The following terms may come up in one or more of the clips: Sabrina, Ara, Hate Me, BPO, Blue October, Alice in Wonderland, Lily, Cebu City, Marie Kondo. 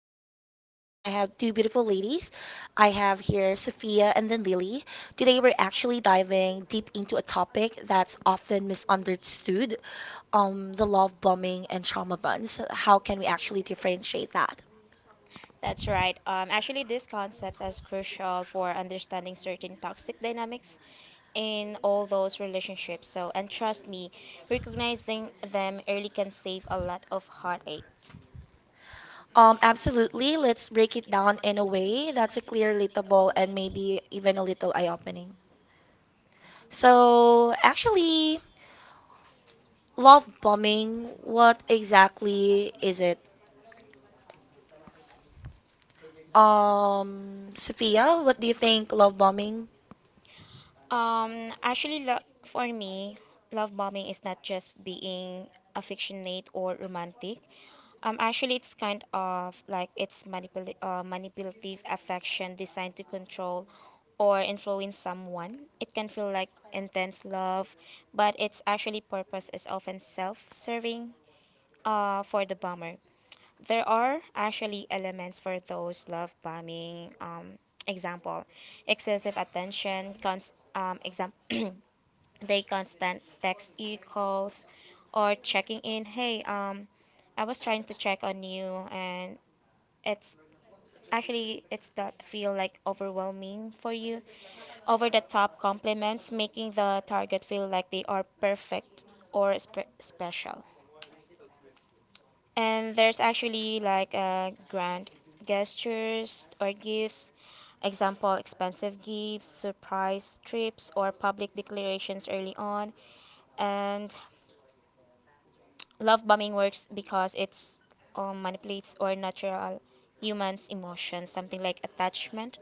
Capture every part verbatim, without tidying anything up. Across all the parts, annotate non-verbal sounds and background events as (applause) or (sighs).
Sabrina, and today with me I have two beautiful ladies. I have here Sophia and then Lily. Today we're actually diving deep into a topic that's often misunderstood, um, the love bombing and trauma bonds. How can we actually differentiate that? That's right. Um, actually, these concepts are crucial for understanding certain toxic dynamics in all those relationships. So, and trust me, recognizing them early can save a lot of heartache. Um, absolutely. Let's break it down in a way that's a clear, relatable, and maybe even a little eye-opening. So, actually, love bombing, what exactly is it? Um, Sophia, what do you think love bombing? Um, actually, lo- for me, love bombing is not just being affectionate or romantic. Um, actually, it's kind of like it's manipul uh, manipulative affection designed to control or influence someone. It can feel like intense love, but its actually purpose is often self-serving uh, for the bomber. There are actually elements for those love bombing. Um, example: excessive attention, const, um, exam, (clears throat) they constant text you, calls, or checking in. Hey, um, I was trying to check on you, and it's actually it's that feel like overwhelming for you. Over the top compliments, making the target feel like they are perfect or spe- special. And there's actually like uh, grand gestures or gifts, example, expensive gifts, surprise trips, or public declarations early on. And love bombing works because it's um, manipulates or natural humans' emotions, something like attachment,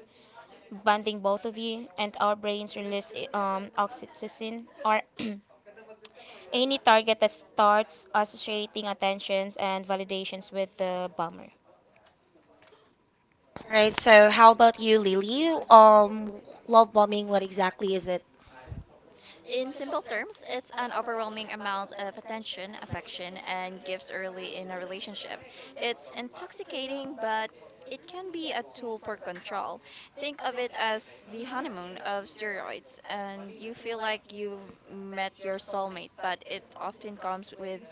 bonding both of you, and our brains release um, oxytocin or (clears throat) any target that starts associating attentions and validations with the bomber. All right, so how about you, Lily? Um, love bombing, what exactly is it? In simple terms, it's an overwhelming amount of attention, affection, and gifts early in a relationship. It's intoxicating, but it can be a tool for control. Think of it as the honeymoon of steroids, and you feel like you've met your soulmate, but it often comes with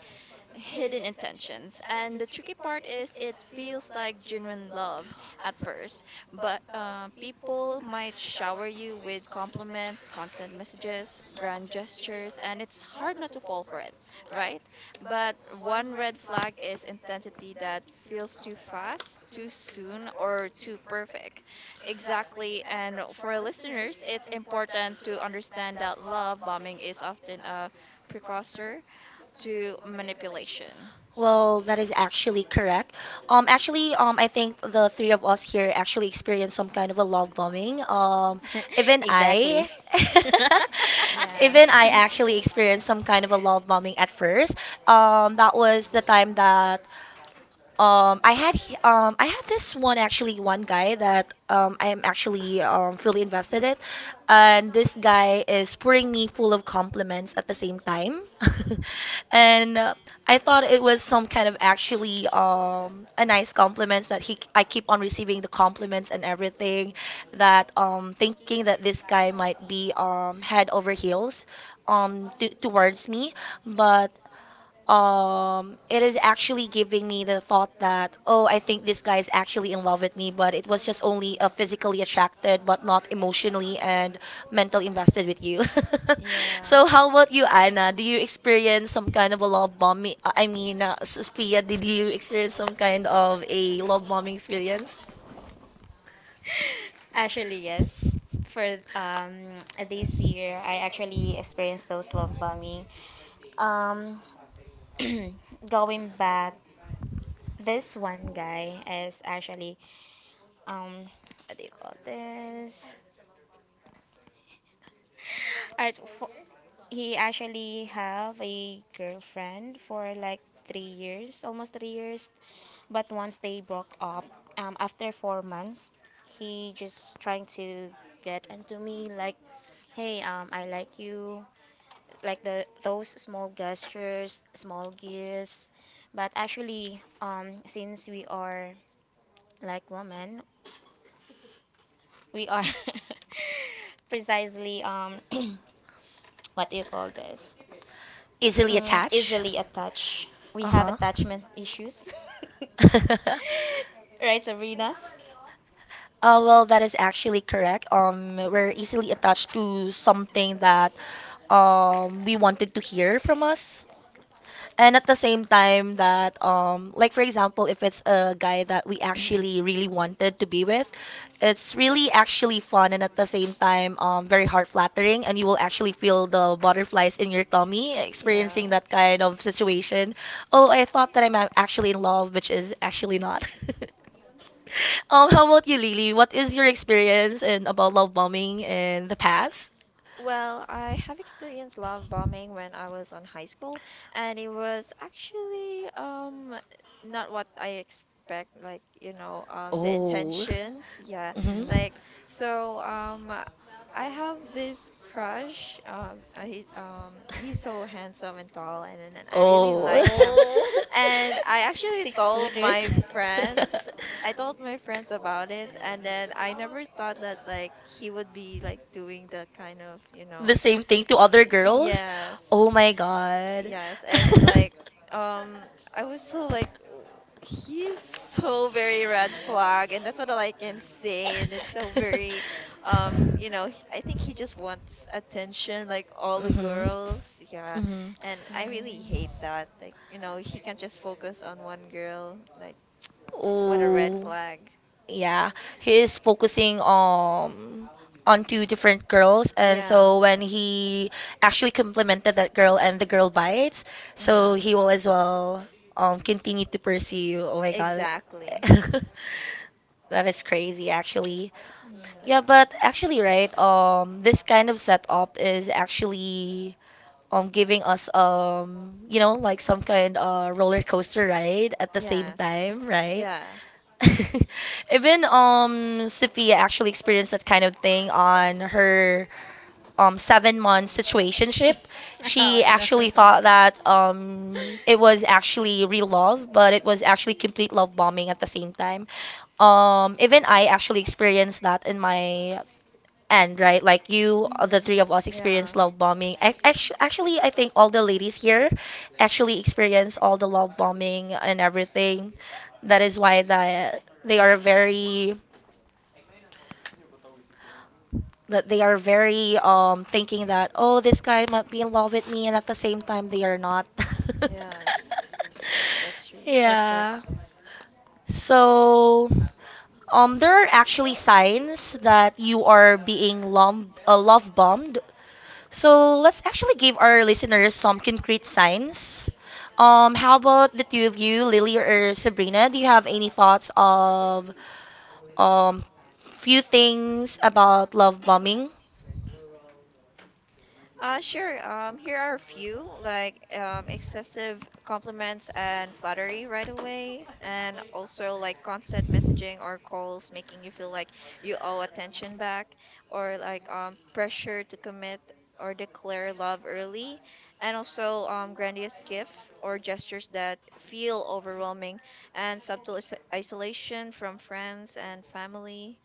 hidden intentions. And the tricky part is it feels like genuine love at first, but uh, people might shower you with compliments, constant messages, grand gestures, and it's hard not to fall for it, right? But one red flag is intensity that feels too fast, too soon, or too perfect. Exactly. And for our listeners, it's important to understand that love bombing is often a precursor to manipulation. Well, that is actually correct. Um, actually, um, I think the three of us here actually experienced some kind of a love bombing. Um, (laughs) even (laughs) I, I, (laughs) (laughs) even Yes. I actually experienced some kind of a love bombing at first. Um, that was the time that, Um, I had he- um, I had this one actually one guy that um, I am actually um, fully invested in, and this guy is pouring me full of compliments at the same time, (laughs) and uh, I thought it was some kind of actually um, a nice compliments that he I keep on receiving the compliments and everything, that um, thinking that this guy might be, um, head over heels, um, t- towards me, but um it is actually giving me the thought that, oh, I think this guy is actually in love with me, but it was just only uh, physically attracted but not emotionally and (laughs) mentally invested with you. (laughs) Yeah. So how about you, Anna? Do you experience some kind of a love bombing? uh, I mean, uh, Sophia, did you experience some kind of a love bombing experience? Actually, yes. For um this year, I actually experienced those love bombing. Um, (clears throat) going back. This one guy is actually um what do you call this? Alright, fo- he actually have a girlfriend for like three years, almost three years. But once they broke up, um, after four months, he just trying to get into me like, hey, um, I like you, like the those small gestures, small gifts. But actually, um, since we are like women, we are (laughs) precisely um (clears throat) what do you call this? Easily Mm, attached. easily attached. We have Uh-huh. attachment issues. (laughs) (laughs) Right, Sabrina? Uh, well, that is actually correct. Um, we're easily attached to something that, um, we wanted to hear from us, and at the same time, that, um like, for example, if it's a guy that we actually really wanted to be with, it's really actually fun, and at the same time, um very heart flattering, and you will actually feel the butterflies in your tummy Yeah. experiencing that kind of situation. Oh, I thought that I'm a- actually in love, which is actually not. (laughs) Um how about you, Lily? What is your experience in about love bombing in the past? Well, I have experienced love bombing when I was on high school, and it was actually um not what I expect, like, you know, um the Oh. intentions. Yeah. Hmm. Mhm. Like, so um I have this crush. Um uh, he um he's so handsome and Really? tall, and, and I really Oh, like like him. him. Oh, And I (laughs) actually six told footer. (laughs) my friends I told my (laughs) friends about it, and then I never thought that like he would be like doing that kind of, you know. Same thing to other. Oh Yes. my God. Yes, and Yes. (laughs) And like like. um I was so like, w- he's so very red flag, and that's what all I can say, and it's so very (laughs) um you know he, I think he just wants attention like all the girls, yeah, Mhm. and I really Mm. hate that like you know he can't just focus on one girl, like What what a red a red. flag. Yeah, he is focusing um on two different girls, and Yeah. so when he actually complimented that girl and the girl bites, so Yeah. he will as well, um continue to pursue. Oh my God, Exactly. (laughs) (laughs) that is crazy actually. Yeah, but actually, right, um, this kind of setup is actually, um giving us, um you know like some kind uh roller coaster Yeah. ride at the same Yes. time, right? Yeah. (laughs) Even um Sophia actually experienced that kind of thing on her um seven month situationship. She (laughs) actually thought that um it was actually real love, but it was actually complete love bombing at the same time. Um even I actually experienced that in my, and right, like you, uh, the Mhm. three of us experienced Yeah. love bombing. Ac- actu- Actually, I think all the ladies here actually experience all the love bombing and everything. That is why that they are very that they are very, um thinking that, oh, this guy might be in love with me, and at the same time, they are not. (laughs) Yes. That's true. That's correct. Yeah. So, um there are actually signs that you are being lom- uh, love bombed. So let's actually give our listeners some concrete signs. Um, how about the two of you, Lily or Sabrina? Do you have any thoughts of, um few things about love bombing? Uh, sure. Um, here are a few, like, um, excessive compliments and flattery right away, and also like constant messaging or calls making you feel like you owe attention back, or like, um, pressure to commit or declare love early, and also um, grandiose gift or gestures that feel overwhelming, and subtle is- isolation from friends and family.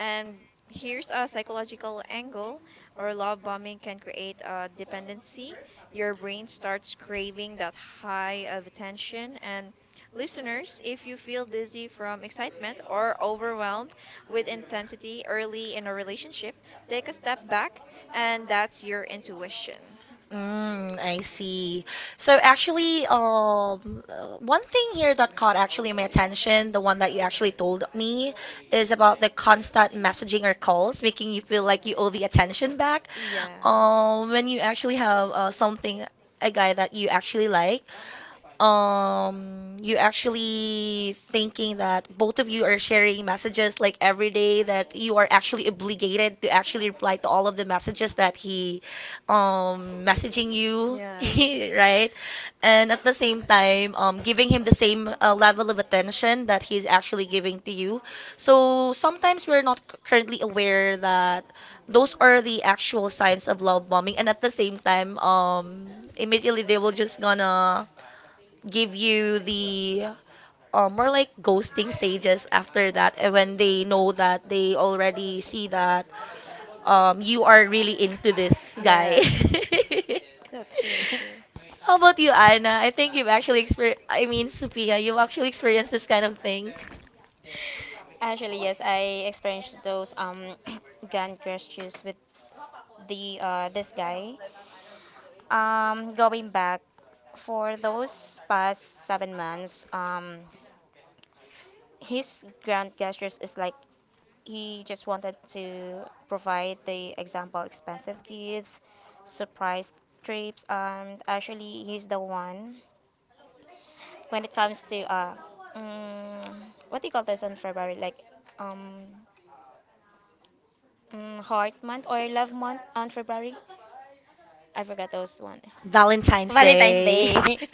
And here's a psychological angle, or love bombing can create a dependency. Your brain starts craving that high of attention. And listeners, if you feel dizzy from excitement or overwhelmed with intensity early in a relationship, take a step back, and that's your intuition. Mm, I see. So actually, um, uh, one thing here that caught actually my attention, the one that you actually told me, is about the constant messaging or calls making you feel like you owe the attention back. Yes. Um, when you actually have, uh, something, a guy that you actually like, um you actually thinking that both of you are sharing messages like every day, that you are actually obligated to actually reply to all of the messages that he um messaging you, Yes. (laughs) (laughs) right? And at the same time, um giving him the same uh, level of attention that he's actually giving to you, so sometimes we're not c- currently aware that those are the actual signs of love bombing, and at the same time, um immediately they will just gonna give you the, uh, more like ghosting stages after that, and when they know that they already see that, um, you are really into this guy. Yes. (laughs) That's really true. (laughs) How about you, Anna? I think you've actually experienced, I mean, Sophia, you've actually experienced this kind of thing. Actually, yes, I experienced those um (coughs) (clears throat) gun crashes with the uh this guy. Um, going back for those past seven months, um, his grand gestures is like he just wanted to provide the example expensive gifts, surprise trips, and actually he's the one when it comes to uh, mm, what do you call this on February? Like um, mm, heart month or love month on February? I forgot those one. Valentine's Day. Valentine's Valentine's Day. Day.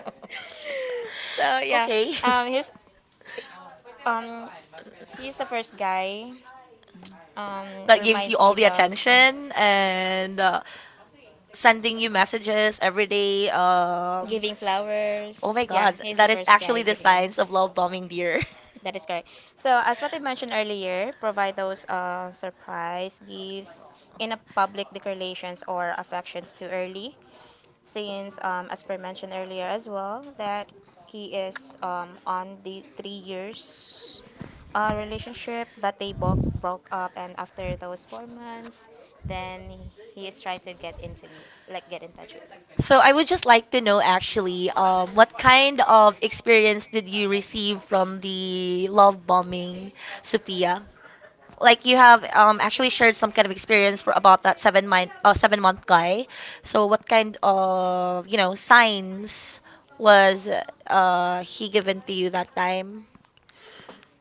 (laughs) So (laughs) yeah, Okay. um, here's um, he's the first guy um, That gives you reminds all me the that attention and, uh, sending you messages every day. Um, giving Oh flowers. my Yeah, God, he's the that is first actually guy the giving them. signs of love bombing, dear. That is correct. So, as what I mentioned earlier, provide those uh, surprise gifts in a public declarations or affections too early (laughs) since, um, as per mentioned earlier as well, that he is um, on the three years uh, relationship, but they bo- broke up, and after those four months, then he is trying to get into me, like get in touch with me. So I would just like to know actually, um, what kind of experience did you receive from the love bombing, Sophia? Like you have, um, actually shared some kind of experience for, about that seven month uh, seven month guy. So what kind of you know signs was, uh, he given to you that time?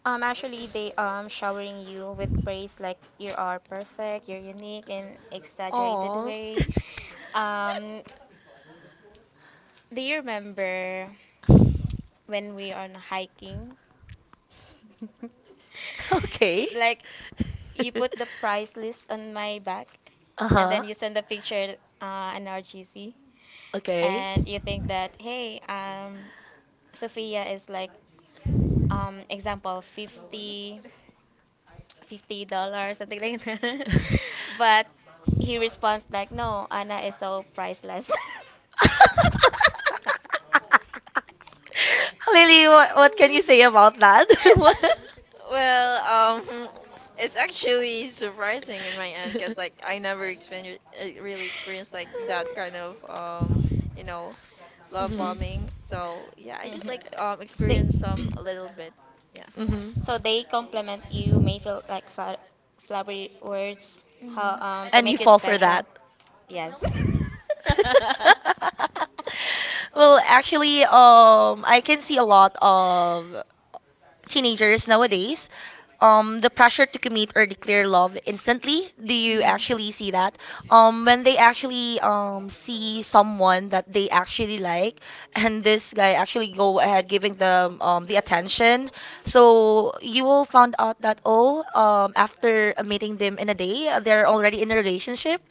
Um, actually, they um showering you with praise like you are perfect, you're unique in exaggerated Oh. way. Um, do you remember (laughs) when we are on hiking? (laughs) (laughs) Okay. Like you put the (laughs) price list on my back, uh and huh. then you send the picture uh, an R G C, Okay. and you think that hey, um, Sophia is like um example fifty, fifty (laughs) dollars something like that, (laughs) but he responds like no, Anna is so priceless. (laughs) Lily, what, what can you say about that? (laughs) What- Well, um, (laughs) it's actually surprising in my end, because like I never experienced really experienced like that kind of um, (laughs) you know, love Mhm. bombing. So yeah, I just, Mhm. like, um Say- experienced some a little bit. Yeah. Hmm. (clears throat) so they compliment you may feel like fla- flowery words how um to And Mm-hmm. you make you fall for that. special. Yes. (laughs) (laughs) Well, actually, um, I can see a lot of teenagers nowadays, um, the pressure to commit or declare love instantly. Do you Mm-hmm. actually see that? Um, when they actually um see someone that they actually like, (laughs) and this guy actually go ahead giving them um the attention, so you will find out that, oh, um after meeting them in a day, they're already in a relationship.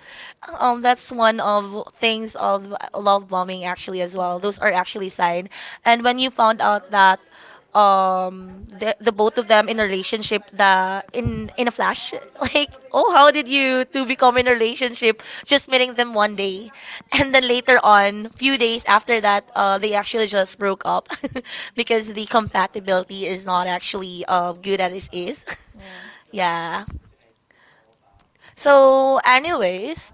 Um, that's one of things of love bombing actually as well. Yeah. Those are actually sign, and when you found out that, um the, the both of them in a relationship, the in in a flash, (laughs) like, oh, how did you two become in a relationship just meeting them one day? (laughs) And then later on few days after that, uh they actually just broke up. (laughs) Because the compatibility is not actually uh good as it is. (laughs) Yeah. So, anyways,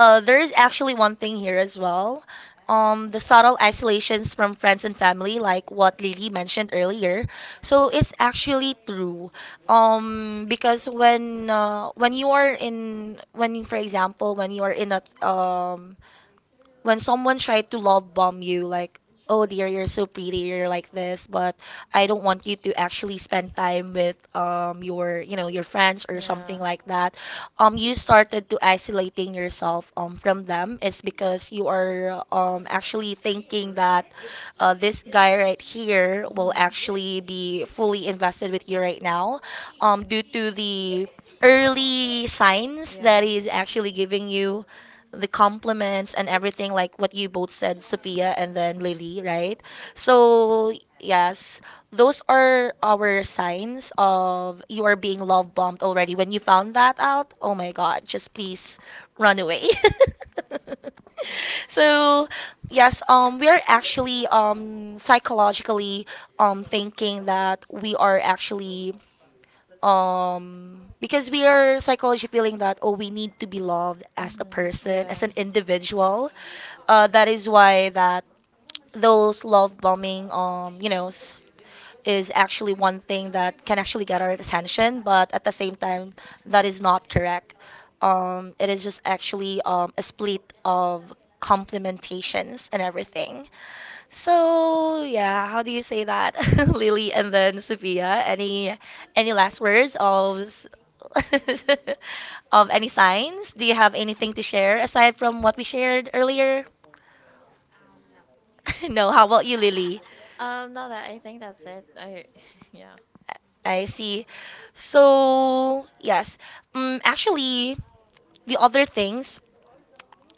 uh, there is actually one thing here as well. Um, the subtle isolations from friends and family, like what Lily mentioned earlier. So it's actually true. Um, because, when uh, when you are in when, for example, when you are in a um, when someone tried to love bomb you like, oh, dear, you're so pretty, you're like this, but I don't want you to actually spend time with, um your you know your friends or Yeah. something Yeah. like that. Um you started to isolating yourself um from them. It's because you are um actually thinking that, uh, this guy right here will actually be fully invested with you right now, um due to the early signs that he's actually giving you, the compliments and everything, like what you both said, Sophia and then Lily, right? So, yes, those are our signs of you are being love bombed already. When you found that out, oh my God, just please run away. (laughs) Mm-hmm. So, yes, um, we are actually, um, psychologically, um, thinking that we are actually, um because we are psychology feeling that, oh, we need to be loved as a person, as an individual. Uh that is why that those love bombing, um you know s- is actually one thing that can actually get our attention, but at the same time, that is not correct. Um it is just actually um a split of complementations and everything. So yeah, how do you say that, (laughs) Lily and then Sophia? Any any last words of s- (laughs) of any signs? Do you have anything to share aside from what we shared earlier? (laughs) No. How about you, Lily? Um, no, that I think that's it. I, (laughs) yeah. I see. So yes, um, actually, the other things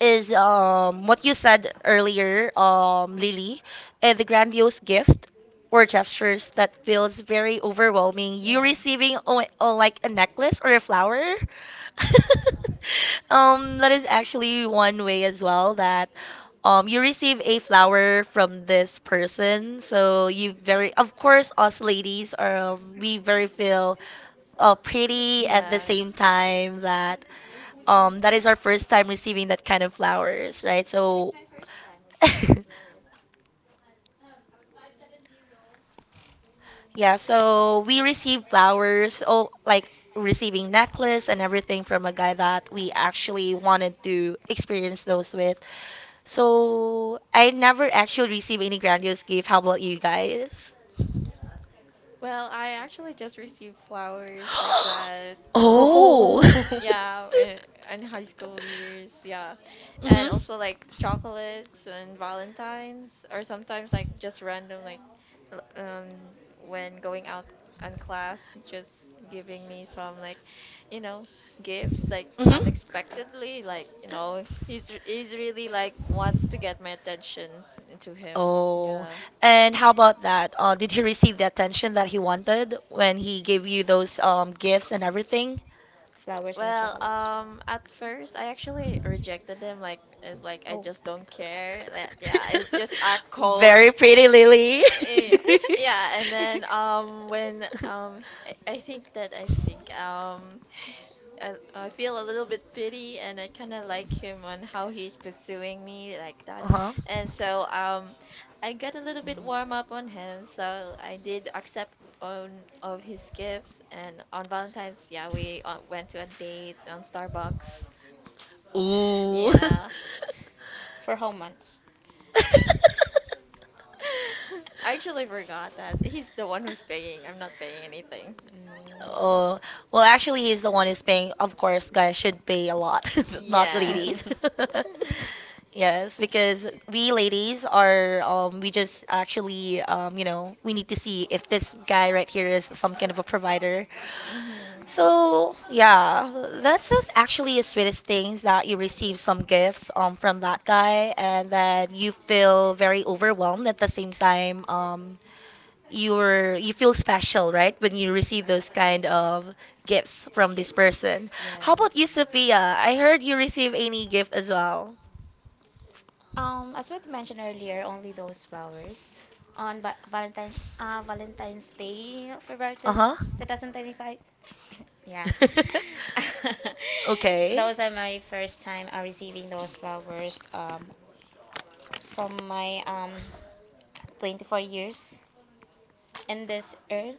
is, um, what you said earlier, um, Lily, uh, the grandiose gift or gestures that feels very overwhelming. You receiving o- o- like a necklace or a flower. (laughs) Um, that is actually one way as well that, um, you receive a flower from this person. So you very, of course, us ladies are, um, we very feel, uh, pretty at the same time that. Um, that is our first time receiving that kind of flowers, right? So, (laughs) yeah, so we received flowers, oh, like receiving necklace and everything from a guy that we actually wanted to experience those with. So, I never actually received any grandiose gift. How about you guys? Well, I actually just received flowers like that. (gasps) Oh. Oh. Um, (laughs) yeah, in, in high school years, yeah. (laughs) Hmm. And Hmm. also like chocolates and Valentines, or sometimes like just random, like, l- um, when going out on class, just giving me some, like, you know, gifts like unexpectedly. Like, you know, he's, he's really like wants to get my attention (laughs) to him. Oh, Yeah. and how about that? Uh, did he receive the attention that he wanted when he gave you those um, gifts and everything? Flowers and Well, chocolates. um, at first I actually rejected them. Like, it's like I Oh. just don't care. Like, yeah, I'm (laughs) just act cold. (laughs) pretty, Lily. Eh, yeah, (laughs) yeah. And then um, (laughs) when um, I, I think that I think um, I, I feel a little bit pity, and I kind of like him on how he's pursuing me like that. (laughs) Uh-huh. And so um I got a little bit warm up on him, so I did accept on of his gifts, and on Valentine's, yeah, we uh, went to a date on Starbucks. (laughs) Yeah. For how much? (laughs) (laughs) I actually forgot that he's the one who's paying. I'm not paying anything. Oh, Mm. well, actually, he's the one who's paying. Of course, guys should pay a lot, (laughs) not ladies. Yes. (laughs) (laughs) (laughs) (laughs) Yes, because we ladies are, um, we just actually, um, you know, we need to see if this guy right here is some kind of a provider. Mhm. So yeah, that's just actually the sweetest things that you receive some gifts um from that guy, and then you feel very overwhelmed at the same time. Um, you're you feel special, right, when you receive those kind of gifts from this person. How Yeah. about you, Sophia? I heard you receive any gift as well. Um, as what mentioned earlier, only those flowers on ba- Valentine uh, Valentine's Day, uh, February Uh huh. twenty twenty-five. (coughs) (laughs) Yeah. (laughs) (laughs) Okay. Those are my first time uh, receiving those flowers um, from my um, twenty-four years in this earth.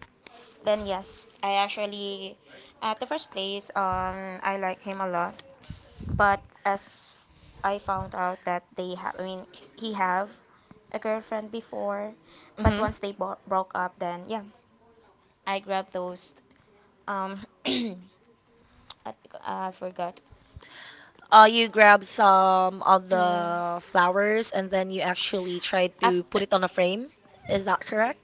Then yes, I actually at the first place um I like him a lot but as I found out that they have, I mean, he have a girlfriend before, but once they bo- broke up, then Mhm. yeah, I grabbed those. Um, (clears throat) I, I forgot. Uh, you grab some of Mm. the flowers and then you actually try Af- to put it on a frame. Is that correct?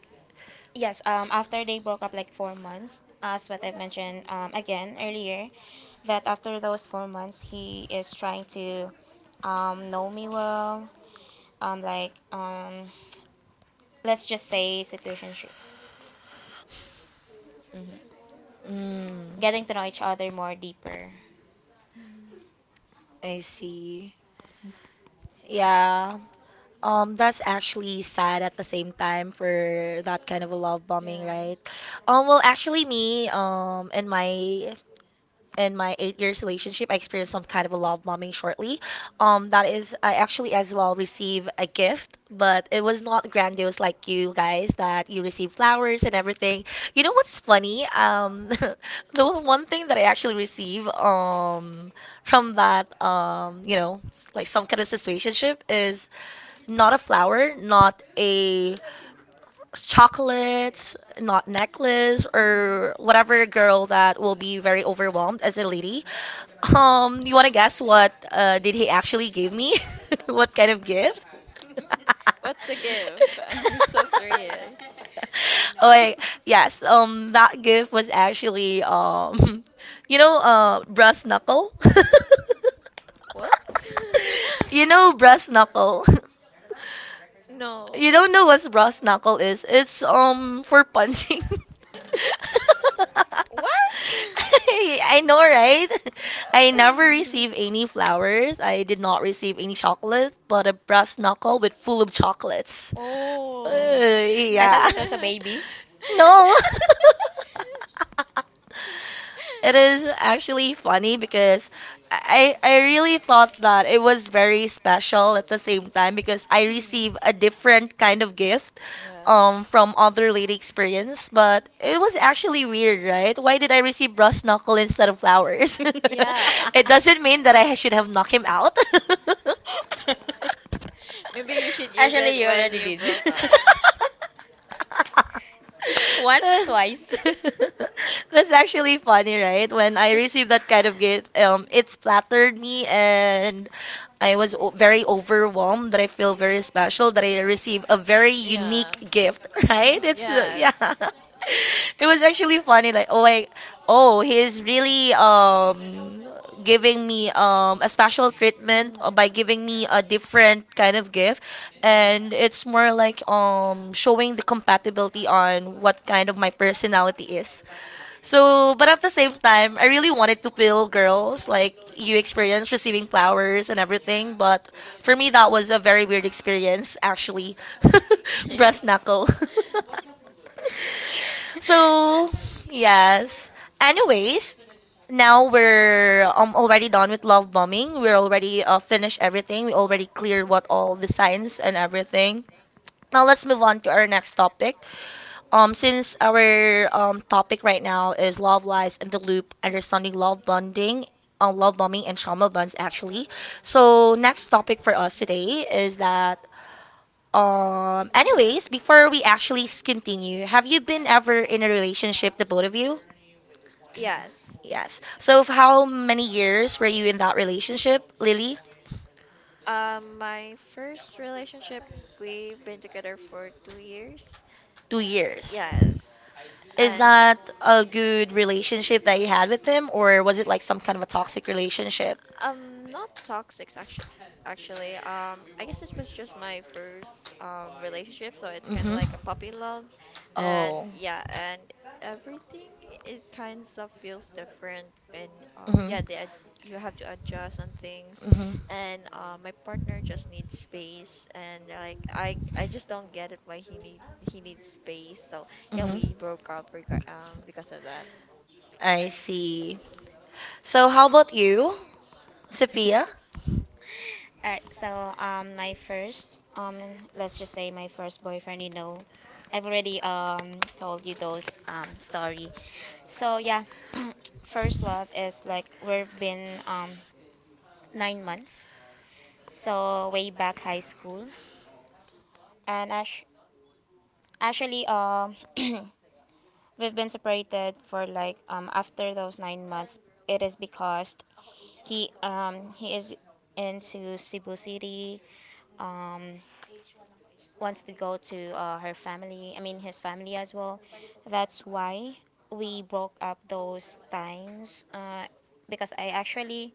yes. Um, after they broke up, like four months, as what I mentioned um again earlier, that after those four months, he is trying to um know me well. Um, like um let's just say situationship. Mhm. Mm. Getting to know each other more deeper. Mhm. I see. Yeah. Um, that's actually sad at the same time for that kind of a love Like, bombing, right? Um, well, actually, me, um, in my in my eight years relationship, I experienced some kind of a love bombing shortly. Um, that is, I actually as well received a gift, but it was not grandiose like you guys that you receive flowers and everything. You know what's funny? Um, (laughs) the one thing that I actually receive um from that um you know like some kind of situationship is not a flower, not a chocolates, not necklace, or whatever girl that will be very overwhelmed as a lady. Um, you want to guess what uh, did he actually give me? (laughs) What kind of gift? (laughs) what's the do gift? (laughs) I'm so curious. Oh, wait, yes. Um, that gift was actually um, (laughs) you know, uh, brass knuckle. What? (laughs) you (laughs) You know, brass knuckle. (laughs) you no. You don't know what brass knuckle is? It's um for punching. (laughs) What? (laughs) I I know, right? I never (laughs) received any flowers. I did not receive any chocolate, but a brass knuckle with full of chocolates. Uh, Oh. Mm. I (laughs) thought yeah. it (laughs) was a baby. No. (laughs) Yeah. No, (laughs) it is. It is actually funny because I I really thought that it was very special at the same time because I receive a different kind of gift Yeah. um from other lady experience, but it was actually weird, right? Why did I receive brass knuckle instead of flowers? Yes. (laughs) It (laughs) doesn't mean that I should have knocked him out. (laughs) Maybe you should use Actually, it you when already you did. (laughs) broke up. Yeah. Once, twice. (laughs) That's actually funny, right? When I received that kind of gift, um, it splattered me, and I was o- very overwhelmed that I feel very (laughs) special that I received a very unique gift, (laughs) right? Yes. Mm. It's uh, Yeah. yeah it was actually funny like oh I oh he's really um giving me um a special treatment uh, by giving me a different kind of gift and it's more like um showing the compatibility on what kind of my personality is so, but at the same time, I really wanted to feel girls like you experience receiving flowers and everything. But for me, that was a very weird experience, actually. (laughs) Breast knuckle. (laughs) (laughs) So, yes. Anyways, (laughs) now we're um, already done with love bombing. We're already uh, finished everything. We already cleared what all the signs and everything. Now let's move on to our next topic. Um, since our um, topic right now is love lies and the loop, understanding love bonding, uh, love bombing and trauma bonds actually. So next topic for us today is that. Um, anyways, before we actually s- continue, have you been ever in a relationship, the both of you? Yes. Yes. So f- how many years were you in that relationship, Lily? Um, my first relationship, we've been together for two years. Two years. Yes. Is And that a good relationship that you had with him, or was it like some kind of a toxic relationship? Um, not toxic actually. Actually, um, I guess this was just my first um relationship, so it's kind of Hmm. like a puppy love, and Oh. yeah, and everything it kind of feels different, and um, Hmm. yeah, the ad- you have to adjust on things, Hmm. and uh, my partner just needs space, and like I I just don't get it why he need he needs space, so yeah, Hmm. we broke up rega- um because of that. I see. So how about you, Sophia? All right, so um, my first um, let's just say my first boyfriend. You know, I've already um told you those um story. So yeah, (clears throat) first love is like we've been um nine months. So way back high school, and ash- actually um (clears throat) we've been separated for like um after those nine months. It is because he um he is into Cebu City. Um, Wants to go to uh, her family, I mean his family as well. That's why we broke up those times uh, because I actually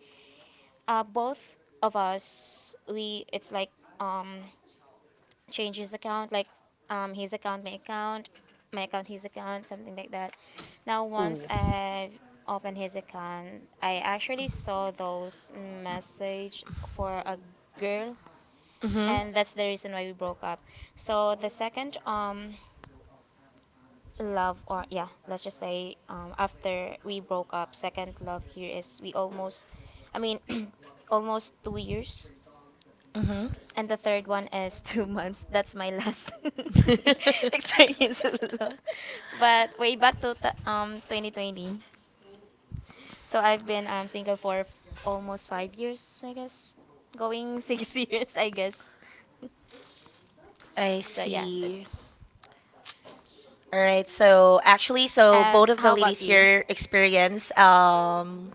uh, both of us we it's like um change his account like um his account my account, my account his account something like that. Now Ooh. Mhm. once I've opened his account, I actually saw those message for a girl, Mhm. and that's the reason why we broke up. So the second um love or yeah, let's just say um after we broke up second love here is we almost i mean (clears throat) almost two years, and the third one is (laughs) two months, that's my last (laughs) (laughs) experience of love, but way back to t- um twenty twenty. So I've been um single for f- almost five years I guess, going (laughs) six years I guess. I So yeah, that's see. All right. So actually, so both of the ladies here experience um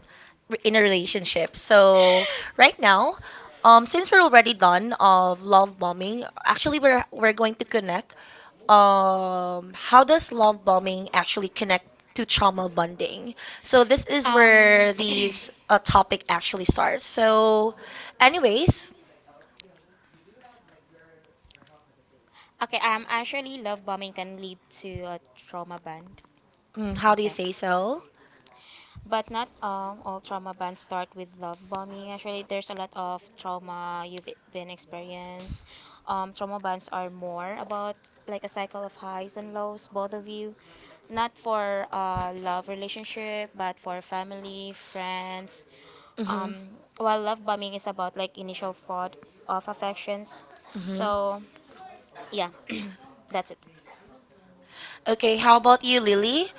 re- in a relationship. So (laughs) right now, um since we're already done of love bombing, actually we're we're going to connect um how does love bombing actually connect to trauma bonding? So this is Um, where (clears throat) okay, these uh, topic actually starts. So anyways, um, actually, love bombing can lead to a trauma bond. mm, how do you Okay. say so? But not um, all trauma bonds start with love bombing. Actually, there's a lot of trauma you've been experienced. Um, trauma bonds are more about like a cycle of highs and lows, both of you. Not for uh, love relationship, but for family, friends. Mhm. Um, while love bombing is about like initial fraud of affections. Mhm. So yeah, (clears throat) that's it. Okay, how about you, Lily?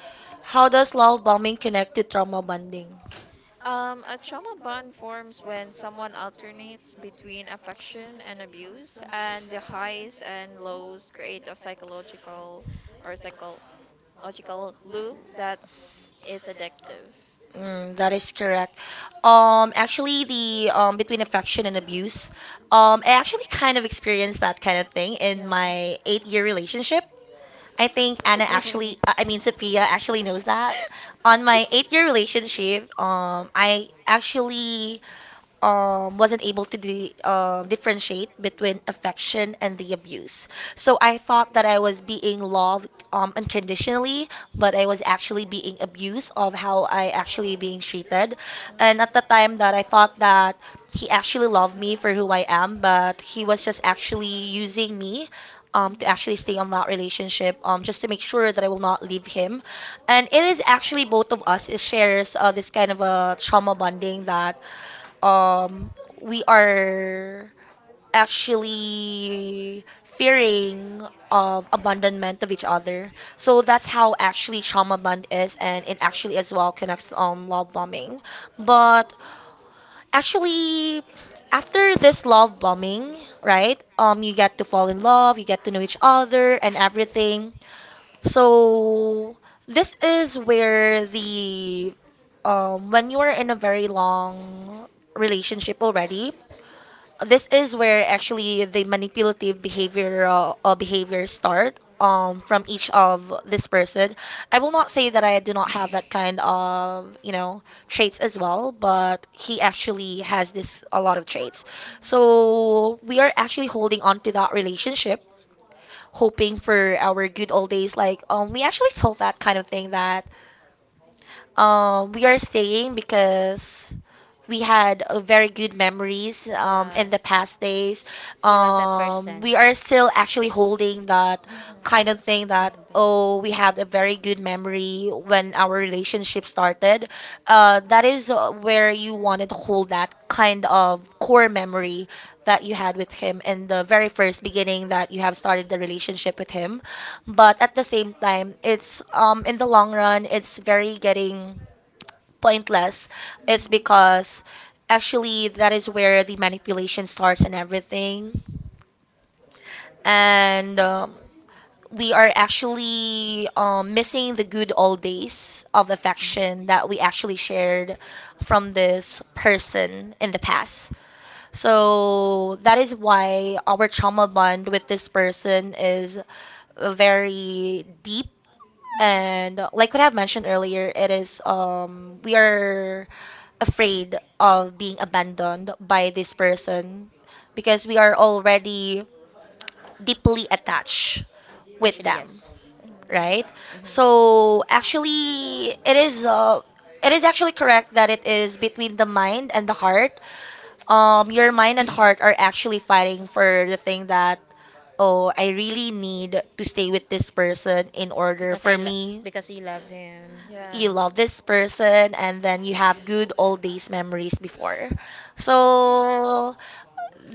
How does love bombing connect to trauma bonding? Um, a trauma bond forms when someone alternates between affection and abuse, and the highs and lows create a psychological or psychological loop that is addictive. Mm, that is correct. Um, actually, the um, between affection and abuse, um, I actually kind of experienced that kind of thing Yeah. in my eight-year Mm. relationship. I think Anna actually, uh, I mean, (laughs) Sophia actually knows that. On my eight year relationship, um, I actually um, wasn't able to de- um differentiate between affection and the abuse. So I thought that I was being loved um, unconditionally, but I was actually being abused of how I actually being treated. And at the time that I thought that he actually loved me for who I am, but he was just actually using me um, to actually stay on that relationship um, just to make sure that I will not leave him. And it is actually both of us it shares uh, this kind of a trauma bonding that um, we are actually fearing of abandonment of each other. So that's how actually trauma bond is, and it actually as well connects um love bombing. But actually, after this love bombing, right? Um, you get to fall in love, you get to know each other and everything. So this is where the um when you are in a very long relationship already, this is where actually the manipulative behavioral uh, behaviors start um, from each of this person. I will not say that I do not have that kind of you know traits as well, but he actually has this a lot of traits. So we are actually holding on to that relationship hoping for our good old days. Like, um, we actually told that kind of thing that um, we are staying because we had uh, very good memories Mhm. um, in the Yes. past days. You love that Um, person. we are still actually holding that Mhm. kind of thing that, Everybody. oh, we have a very good memory when our relationship started. Uh, that is uh, where you wanted to hold that kind of core memory that you had with him in the very first beginning that you have started the relationship with him. But at the same time, it's um, in the long run, it's very getting pointless. Mhm. It's Mhm. because actually that is where the manipulation starts and everything. And um, we are actually um, missing the good old days of affection that we actually shared from this person in the past. So that is why our trauma bond with this person is very deep and uh, like what I've mentioned earlier, it is um we are afraid of being abandoned by this person because we are already deeply attached with Actually, them, yes. right? Hmm. So actually, it is uh it is actually correct that it is between the mind and the heart um your mind and heart are actually fighting for the thing that oh I really need to stay with this person in order Because for I lo- me because you love him. Mhm. you Mm. love Yes. this person and then you have good old days memories before. So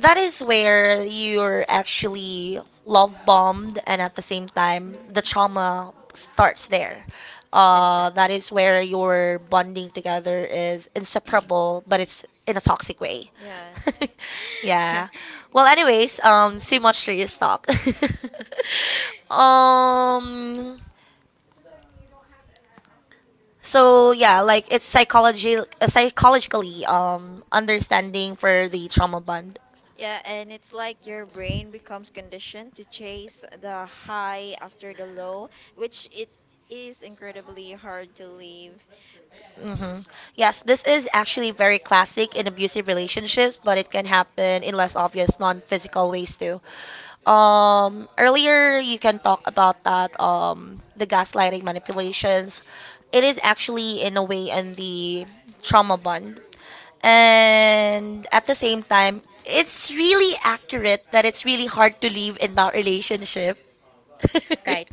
that is where you're actually love bombed and at the same time Mhm. the trauma starts there. That's Uh, right. That is where your bonding together is inseparable, but it's in a toxic way. Yes. (laughs) Yeah. Well, anyways, um, too much serious talk. (laughs) um, so yeah, like it's psychology, uh, psychologically um understanding for the trauma bond. Yeah, and it's like your brain becomes conditioned to chase the high after the low, which it is incredibly hard to leave. Hmm. Yes, this is actually very classic in abusive relationships, but it can happen in less obvious, non-physical ways too. Um, earlier you can talk about that um the gaslighting manipulations. It is actually in a way in the trauma bond. (laughs) And at the same time, it's really accurate that it's really hard to live in that relationship. (laughs) Right.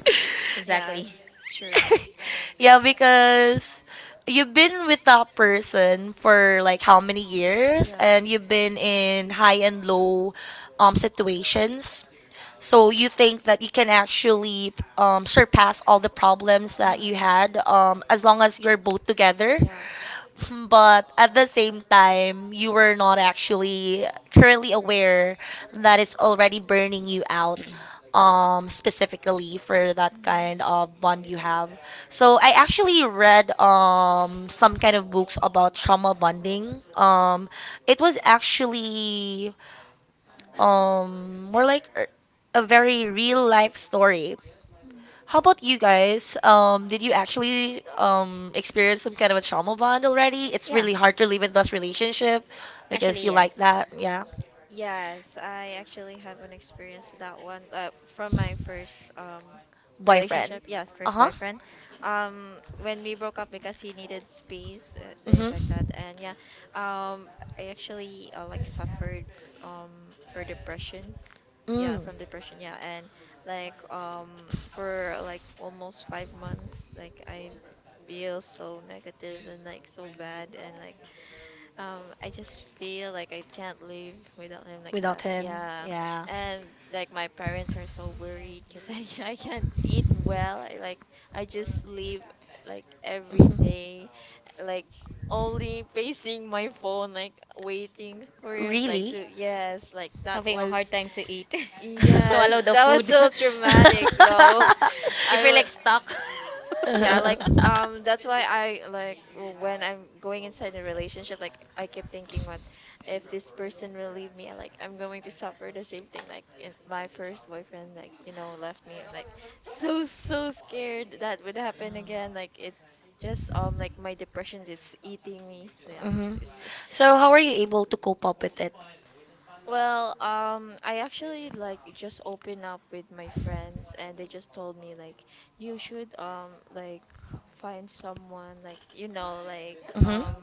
Exactly. Yes, true. (laughs) (laughs) Yeah, because you've been with that person for like how many years Yeah. and you've been in high and low um situations. So you think that you can actually um, surpass all the problems that you Mhm. had um, as long as you're both together. (laughs) Yes. But at the same time, you were not actually currently aware that it's already burning you out um specifically for that kind of bond you have. So I actually read um some kind of books about trauma bonding. Um it was actually um more like a a very real life story. Mhm. How about you guys? Um did you actually um experience some kind of a trauma bond already? It's Yeah. really hard to live in those relationship because Actually, you like yes. that. Yeah. Yes, I actually have an experience with that one, uh, from my first um Boyfriend. relationship. Yes, Uh first huh. boyfriend. Um, when we broke up because he needed space, uh, Mm like hmm. like that, and yeah, um, I actually uh, like suffered um for depression. Yeah, from depression. Yeah, and like um for like almost five months, like I feel so negative and like so bad and Mm. like, um, I just feel like I can't live without him like Like that. Yeah, and like my parents are so worried because I (laughs) I can't (laughs) eat well. I, like, I just sleep like every day, like only facing my phone, like waiting for him, like really? to, yes, like that Having a was, hard time to eat. (laughs) Swallow yes, the that was that That was food. So so (laughs) traumatic, traumatic though. you (laughs) (laughs) (laughs) I feel like would, stuck. (laughs) yeah, like, Um, um um, that's why I, like, when I'm going inside a relationship, like I keep thinking, what if this person will leave me, like I'm going to suffer the same thing like in my first boyfriend, like you know left me, like so so scared that would happen again. Like, it's just um like like my depression, it's eating me. Yeah. me. Hmm. It's, So, how are you able to cope up with it? well, um, I actually like just open up with my friends, and they just told me like you should um like find someone, like you know like Mhm. um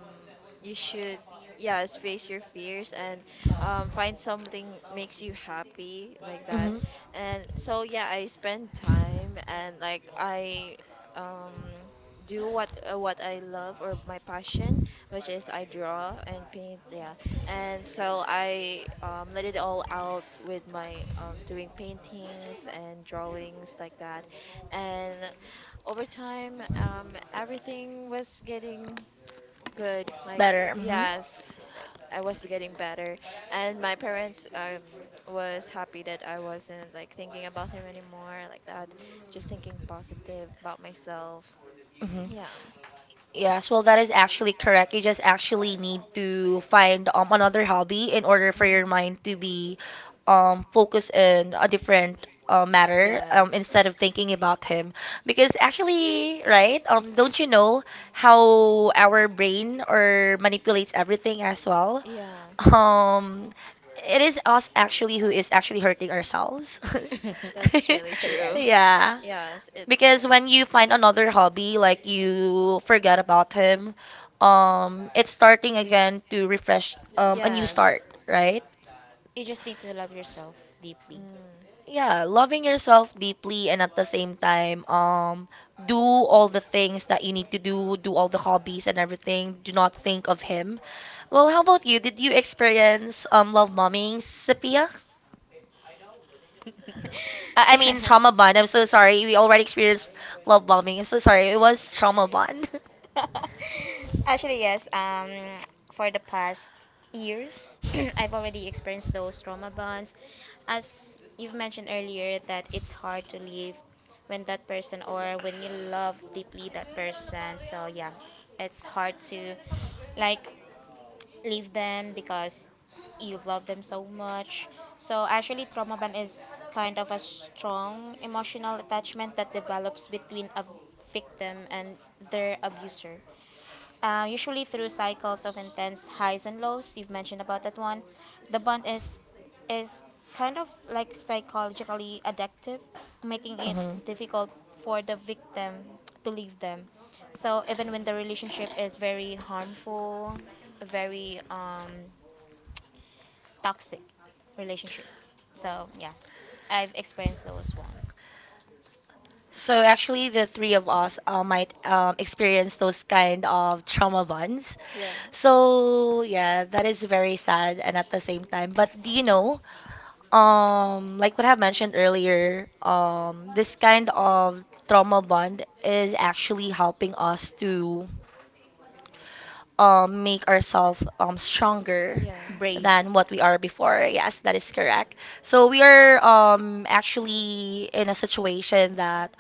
you should, yes, face your fears, and um find something makes you happy like that. Mhm. And so yeah, I spend time, and like I um do what uh, what I love, or my passion, which is I draw and paint. Yeah, and so I um, let it all out with my um, doing paintings and drawings like that. And over time, um, everything was getting good. Like, yes, I was getting better, and my parents um was happy that I wasn't like thinking about him anymore like that, just thinking positive about myself. Hmm. Yeah. Yes, well, that is actually correct. You just actually need to find um, another hobby in order for your mind Mhm. to be um, focused in a different uh, matter um, Yes. instead of thinking about him. Because actually, right? Um, don't you know how our brain or manipulates everything as well? (laughs) Yeah, Um, it is us actually who is actually hurting ourselves. about that's (laughs) really Actually, true. yes. (laughs) Yeah. Yes, it's true. Because when you find another hobby, like you forget about him, um, it's starting again to refresh, um, a new Yes. start, right? You just need to love yourself deeply. Mm. Yeah, loving yourself deeply and at the same time, um, do all the things that you need to do, do all the hobbies and everything. Do not think of him. Well, how about you? Did you experience um love bombing, Sophia? (laughs) I, I mean Yeah. trauma bond. I'm so sorry. We already experienced love bombing. I'm so sorry. It was trauma bond. (laughs) (laughs) (laughs) Actually, yes. Um, for the past years, (clears throat) I've already experienced those trauma bonds. As you've mentioned earlier, that it's hard to leave when that person or when you love deeply that person. So yeah, it's hard to like leave them because you love them so much. So actually, trauma bond is kind of a strong emotional attachment that develops between a victim and their abuser, uh, usually through cycles of intense highs and lows. You've mentioned about that one. The bond is is kind of like psychologically addictive, making it difficult for the victim to leave them. So even when the relationship is very harmful, very um, toxic relationship. So yeah, I've experienced those one. So actually, the three of us uh, might um, experience those kind of trauma bonds. Yeah. So yeah, that is very sad and at the same time. But do you know, um, like what I mentioned earlier, um, this kind of trauma bond is actually helping us to um, make ourselves um, stronger Yeah. Brave. than what we are before. Yes, that is correct. So we are um, actually in a situation that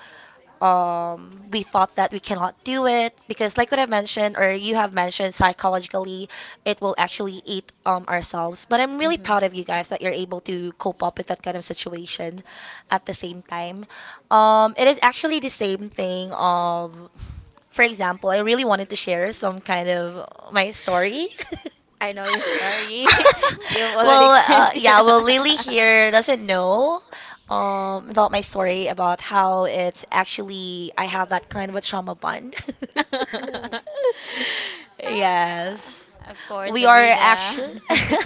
um, we thought that we cannot do it because, like what I mentioned, or you have mentioned, psychologically, it will actually eat um, ourselves. But I'm really Hmm. proud of you guys that you're able to cope up with that kind of situation at the same time. Um, it is actually the same thing of for example, I really wanted to share some kind of my story. I know you're sorry. (laughs) You've (laughs) already Well, uh, experienced yeah, your. well, Lily (laughs) here doesn't know um, about my story about how it's actually I have that kind of a trauma bond. Oh, (laughs) Ah, Yes. of course, We are Sabrina. actually. (laughs) (laughs)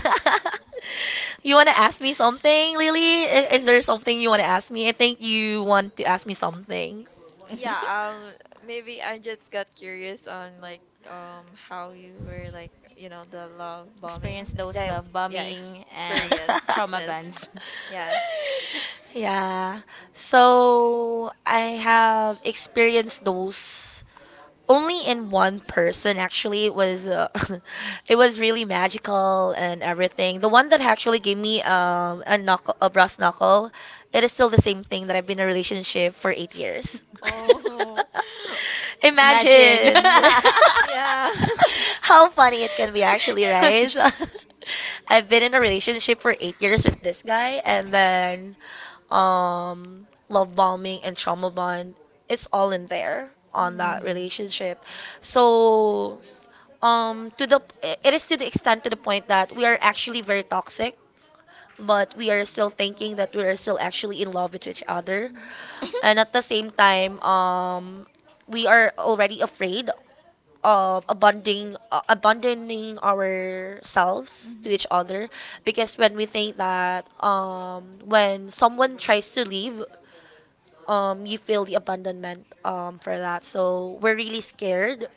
You want to ask me something, Lily? I- Is there something you want to ask me? I think you want to ask me something. Mhm. yeah, um maybe I just got curious on, like, um how you were, like, you know, the love Experience bombing those that, love yeah, ex bombing and trauma bans. experiences. (laughs) Yes. Yeah. So I have experienced those only in one person actually it was uh, (laughs) it was really magical and everything the one that actually gave me um a knuckle a brass knuckle. It is still the same thing that I've been in a relationship for eight years. (laughs) (laughs) Oh, (laughs) (laughs) Imagine (laughs) yeah. (laughs) (laughs) how funny it can be, actually, right? (laughs) I've been in a relationship for eight years with this guy, and then um, love bombing and trauma bond, it's all in there on that relationship. So um to the it is to the extent to the point that we are actually very toxic but we are still thinking that we are still actually in love with each other. Mm. And at the same time, um, we are already afraid of abandoning uh, abandoning ourselves Mhm. to Mhm. each other because when we think that um, when someone tries to leave, um, you feel the abandonment um, for that. So we're really scared.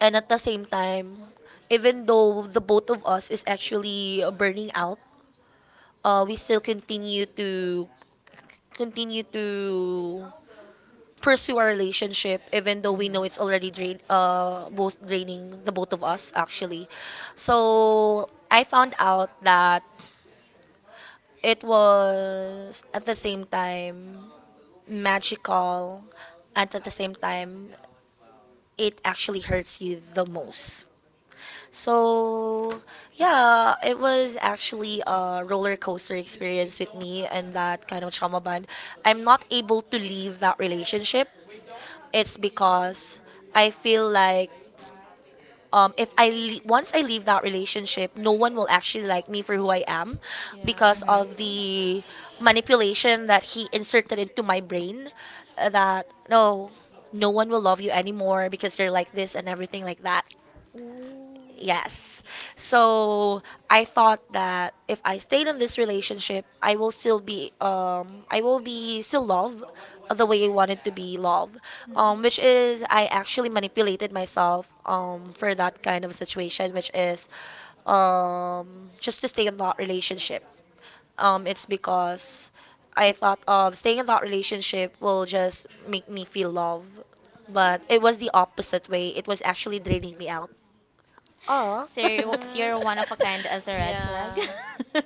And at the same time, even though the both of us is actually burning out uh, we still continue to continue to pursue our relationship even though we know it's already drain uh both draining the both of us actually. So I found out that it was at the same time magical, and at the same time, it actually hurts you the most. So, yeah, it was actually a roller coaster experience with me and that kind of trauma bond. I'm not able to leave that relationship. It's because I feel like um, if I le- once I leave that relationship, no one will actually like me for who I am Yeah. because of the manipulation that he inserted into my brain uh, that no, no one will love you anymore because you're like this and everything like that. Ooh. Yes. So I thought that if I stayed in this relationship, I will still be um I will be still love the way I wanted to be love. Mm. Um which is I actually manipulated myself um for that kind of situation which is um just to stay in that relationship. Um it's because I thought of staying in that relationship will just make me feel love. But it was the opposite way. It was actually draining me out. Oh. So you're, (laughs) Mm. you're one of a kind as a (laughs) red flag. Yeah. (laughs) uh,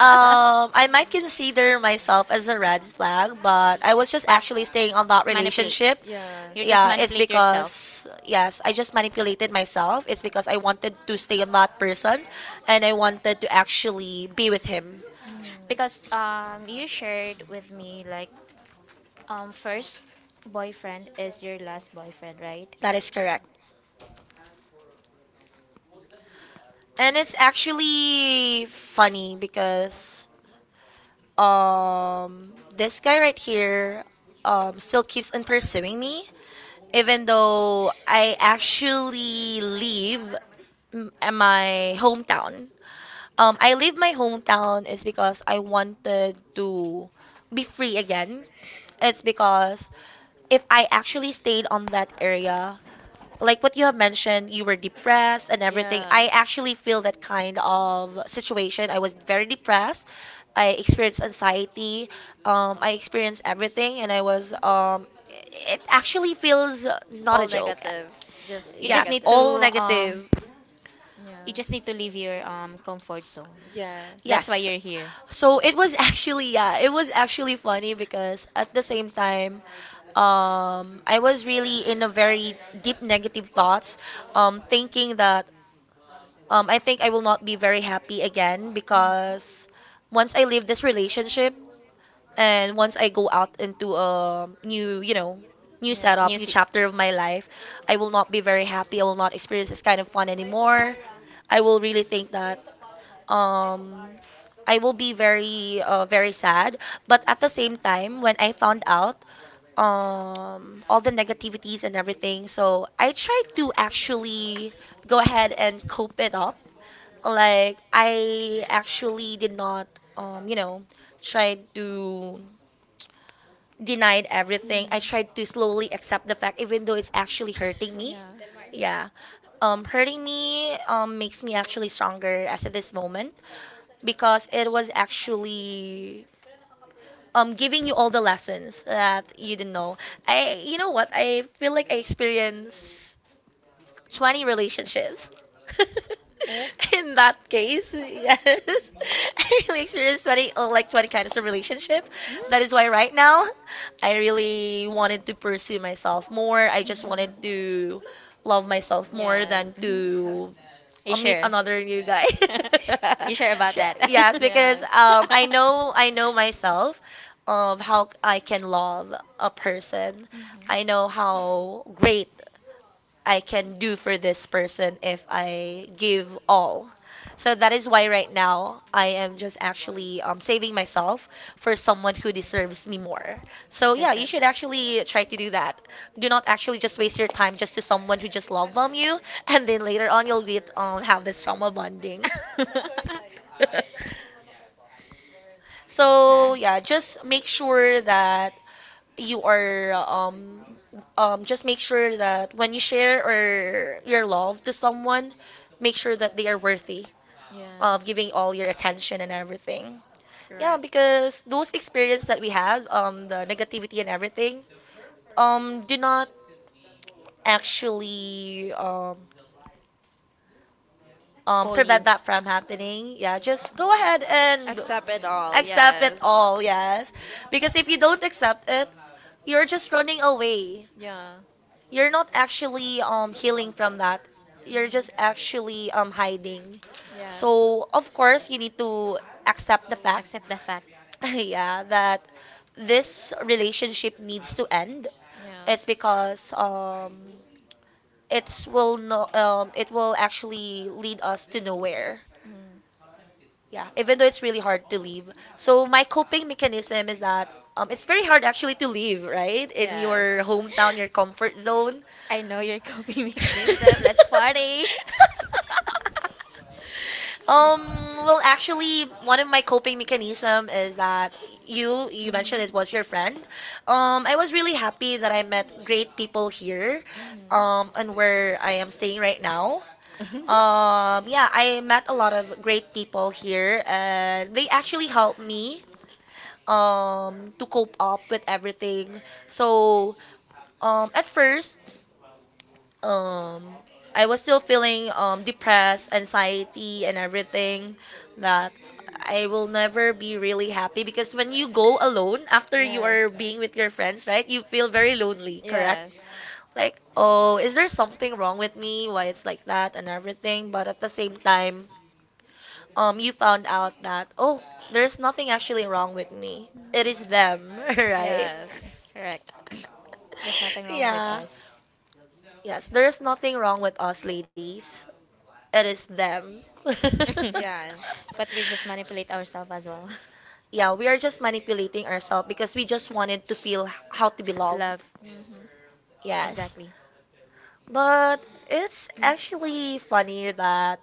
Um, I might consider myself as a red flag, but I was just actually staying on that relationship. Yes. Yeah, Mm. it's because yes, I just manipulated myself. It's because I wanted to stay on that person and I wanted to actually be with him. Because um you shared with me like um first boyfriend is your last boyfriend, right? That is correct. And it's actually funny because um this guy right here um still keeps on pursuing me even though I actually leave m- my hometown. Um, I leave my hometown is because I wanted to be free again. It's because if I actually stayed on that area, like what you have mentioned, you were depressed and everything. I actually feel that kind of situation. I was very Yeah. depressed. I experienced anxiety. Um, I experienced everything, and I was. Um, it actually feels not All a joke. negative, just You just Yes, need to negative. all um negative. Yeah. you just need to leave your um comfort zone. That's why Yes. Yes. you're here. So it was (laughs) actually yeah, it was actually funny because at the same time um I was really in a very deep negative thoughts um thinking that um, I think I will not be very happy again Mhm. because once I leave this relationship and once I go out into a new, you know, Yeah. new Mhm. Yeah. setup, new chapter of my life, Oh. I will not be very happy. I will not experience this kind of fun anymore. I will really think that um I will be very uh, very sad but at the same time when I found out um all the negativities and everything so I tried to actually go ahead and cope it up like I actually did not um you know try to denied everything. Mhm. I tried to slowly accept the fact, even though it's actually hurting me. Yeah. Um, hurting me um, makes me actually stronger as at this moment because it was actually um, giving you all the lessons that you didn't know. I, you know what? I feel like I experience. twenty relationships. (laughs) In that case, yes, (laughs) I really experienced twenty, oh, like twenty kinds of relationship. Mm. That is why right now, I really wanted to pursue Yes. myself more. I just wanted to love myself more (laughs) than Yes. Mhm. to You uh, meet sure? another new guy. (laughs) (laughs) (laughs) Sure about Sh- that? yes, (laughs) because um, I know I know myself of how I can love a person. Mhm. I know how great I can do for this person if I give all. So that is why right now I am just actually um, saving myself for someone who deserves me more. So yeah, you should actually try to do that. Do not actually just waste your time just to someone who just love bomb you, (laughs) and then later on you'll get um, have this trauma bonding. (laughs) (laughs) So yeah, just make sure that you are um um just make sure that when you share or your love to someone, make sure that they are worthy of Yes. giving all your attention and everything. Yeah, Correct. because those experience that we had, um, the negativity and everything, um, do not actually um um, prevent that from happening, yeah, just go ahead and Accept it all. accept it all, yes. Because if you don't accept it, you're just running away. Yeah. You're not actually um, healing from that. You're just actually um, hiding. So, So, of course, you need to accept the fact, (laughs) yeah, (laughs) that this relationship needs to end. and It's yes. because um, it's will no um it will actually lead us to nowhere. um, Mm. Yeah even though it's really hard to leave so my coping mechanism is that um it's very hard actually to leave right in Your your hometown your comfort zone. I know your coping (laughs) mechanism. Let's party. (laughs) um well actually one of my coping mechanism is that you you mentioned it was your friend. um I was really happy that I met great people here Mhm. um and where I am staying right now. Um yeah I met a lot of great people here and they actually helped me um to cope up with everything. So um at first um I was still feeling um depressed, anxiety and everything that I will never be really happy because when you go alone after you are being with your friends, right? You feel very lonely, correct? Yes. Like, oh, is there something wrong with me? Why it's like that and everything, but at the same time, um you (laughs) found out that oh, there's nothing actually wrong with me. It It is them, (laughs) (laughs) right? Yes. Correct. (clears throat) There's nothing (laughs) wrong with Yeah. us. Yes, there is nothing wrong with us ladies. It is them. (laughs) (laughs) Yes. But we just (laughs) manipulate ourselves as well. (laughs) Yeah, we are just manipulating ourselves because we just wanted to feel h- how to be Love. loved. Mm-hmm. Yes. Exactly. But it's Mm. actually funny that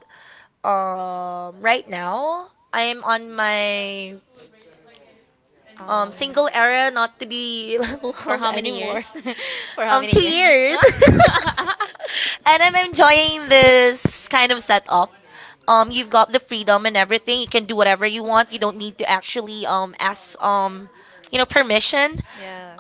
um right now I'm on my um Um, single era not to be (laughs) for loved how many anymore. years? (laughs) For how Um many two years? years. (laughs) (laughs) And I'm enjoying this kind of setup. Um you've got the freedom and everything. You can do whatever you want. You don't need to actually um ask, um you know permission.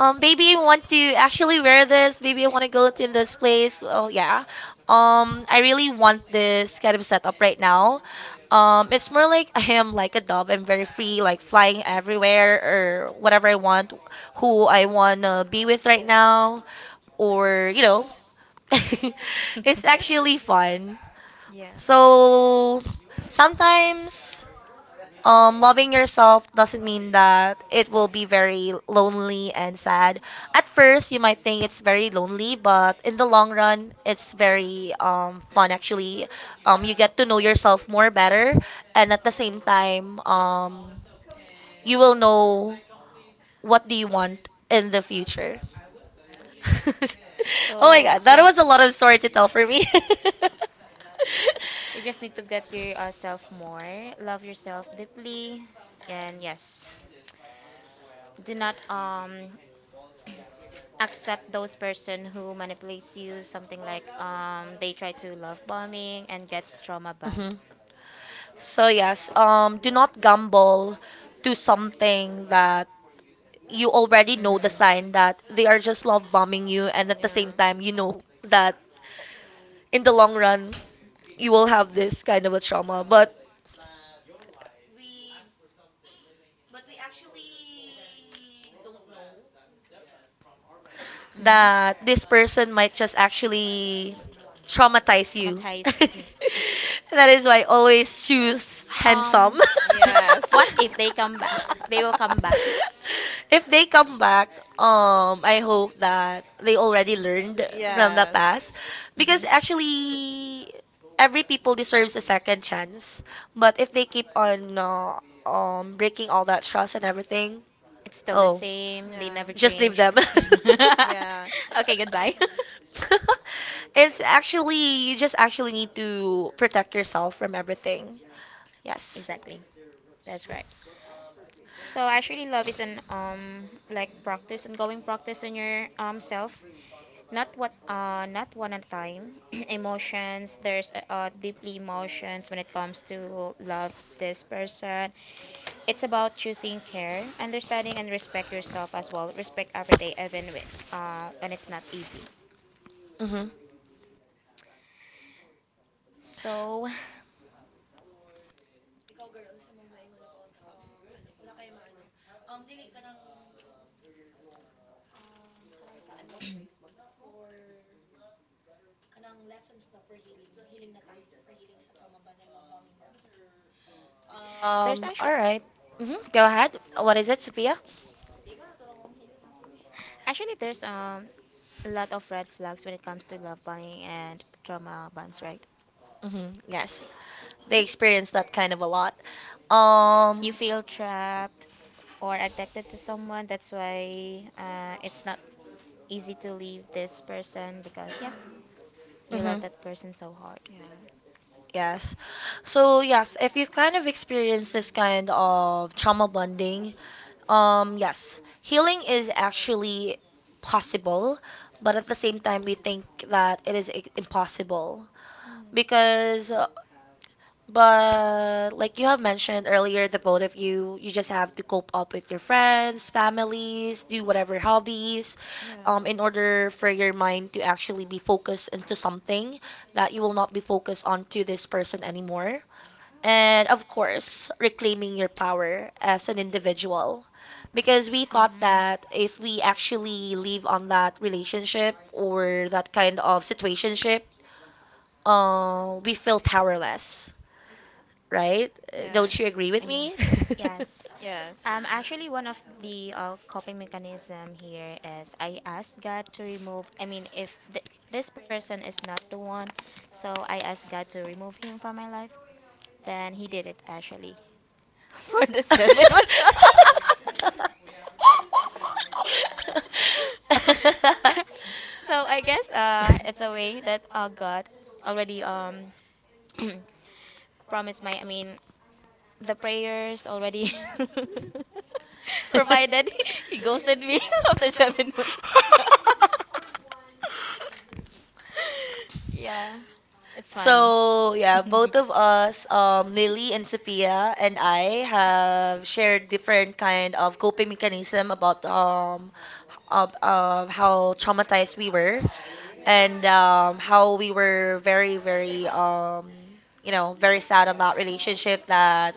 um baby, I want to actually wear this. Baby, I want to go to this place. Oh, yeah, um I really want this kind of setup right now. um it's more like (laughs) I am like a dove. I'm very free, like flying everywhere, or whatever I want, who I want to be with right now. Or you know (laughs) It's actually fun. Yeah. So sometimes, um loving yourself doesn't mean that it will be very lonely and sad. At first you might think it's very lonely, but in the long run it's very um fun actually. Um you get to know yourself more better, and at the same time, um you will know what do you want in the future. (laughs) Oh So my God, that yeah, was a lot of story to tell for me. (laughs) you just need to get yourself more, love yourself deeply, and yes, do not um (clears throat) accept those person who manipulates you something like um they try to love bombing and gets trauma banned. Mhm. So yes, um, do not gamble to something that you already know the Mhm. sign that they are just love bombing you, and at the same time, you know that in the long run, you will have this kind of a trauma. But Mhm. that this person might just actually traumatize you. (laughs) Traumatize you. That is why I always choose handsome. Um, Bad (laughs) Yes. (laughs) what if if they come back? They will come back. (laughs) If they come back, um, I hope that they already learned (laughs) past. from the past, Yes. because Mhm. actually, every people deserves a second chance. But if they keep on uh, um breaking all that trust and everything, It's still the oh. same. They Yeah. never (laughs) Just leave change. them. Yeah. (laughs) Okay, goodbye. (laughs) (laughs) (laughs) It's actually, you just actually need to protect yourself from everything. Yes. Exactly. That's right. So actually, love is an um like practice, ongoing practice on your um self. Not what uh not one at a time (clears throat) emotions. There's uh uh, deeply emotions when it comes to love this person. It's about choosing care, understanding, and respect yourself as well, respect every day, even wi- uh when it's not easy. Mhm. So (laughs) (sighs) there's Um. All actually. right. Mhm. Go ahead. What is it, Sophia? Actually, there's um a lot of red flags when it comes to love bombing and trauma bonds, right? Mhm. Yes. They experience that kind of a lot. You Um. feel trapped or addicted to someone. That's why uh, it's not easy to leave this person because yeah, Mm. you love Mhm. that person so hard. Yes. Yes. So yes, if you've kind of experienced this kind of trauma bonding, um, yes, healing is actually possible, but at the same time, we think that it is i- impossible Mm. because uh, but like you have mentioned earlier, the both of you, you just have to cope up with your friends, families, do whatever hobbies, um, in Yes. order for your mind to actually be focused into something that you will not be focused on to this person anymore. And of course, reclaiming your power as an individual. Because we thought Um. that if we actually leave on that relationship or that kind of situationship, uh, we feel powerless, right? Uh, don't you agree Yes. with Yeah. me? Yes. Yes. Um, actually, one of the uh, coping mechanism here is I asked God to remove. I mean, if th- this person is not the one, so I asked God to remove him from my life. Then He did it actually (laughs) for the seven months. (laughs) So I guess uh, it's a way that uh, God (laughs) already um (laughs) (clears throat) promised my. I mean, the prayers already Mm. (laughs) provided. (laughs) (laughs) He ghosted me (laughs) after seven months. (laughs) Yeah, it's funny. So yeah, (laughs) both of us, um, Lily and Sophia and I have shared different kind of coping mechanism about um, of, of how traumatized we were, and um, how we were very very um, you know, very sad on that relationship that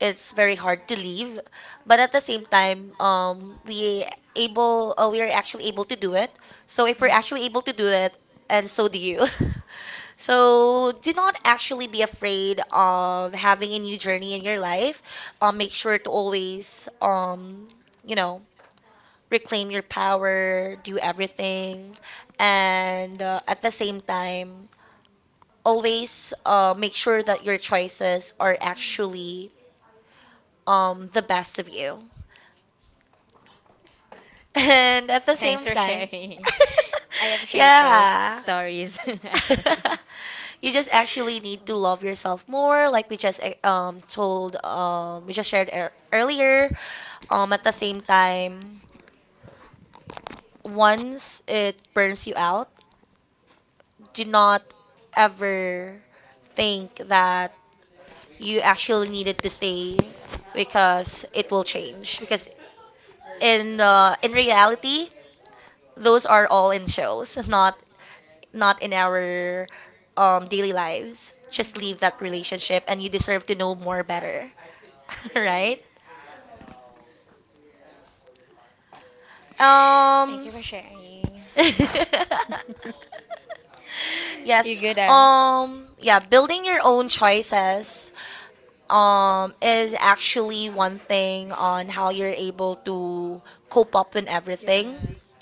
it's very hard to leave, but at the same time um we able, uh, we are actually able to do it. So if we're actually Mhm. able to do it, and so do you. (laughs) So do not actually be afraid of having a new journey in your life. Um make sure to always, um you know reclaim your power, do everything, and uh, at the same time, always uh, make sure that your choices are Mm. actually um the best of you. (laughs) And at the Thanks same for time, sharing. (laughs) I (laughs) appreciate those yeah. stories, (laughs) actually. (laughs) You just actually need to love yourself more, like we just eh, um told, um we just shared ear earlier. Um at the same time, once it burns you out, do not ever think that you actually needed to stay because it will change, because in uh, in reality, those are all in shows, not not in our um, daily lives. Just leave that relationship, and you deserve to know more better, (laughs) right? Thank you Um. so, for sharing. (laughs) (laughs) You Yes. good at. Um. Yeah. Building your own choices um, is actually one thing on how you're able to cope up in Mm. everything. Yes.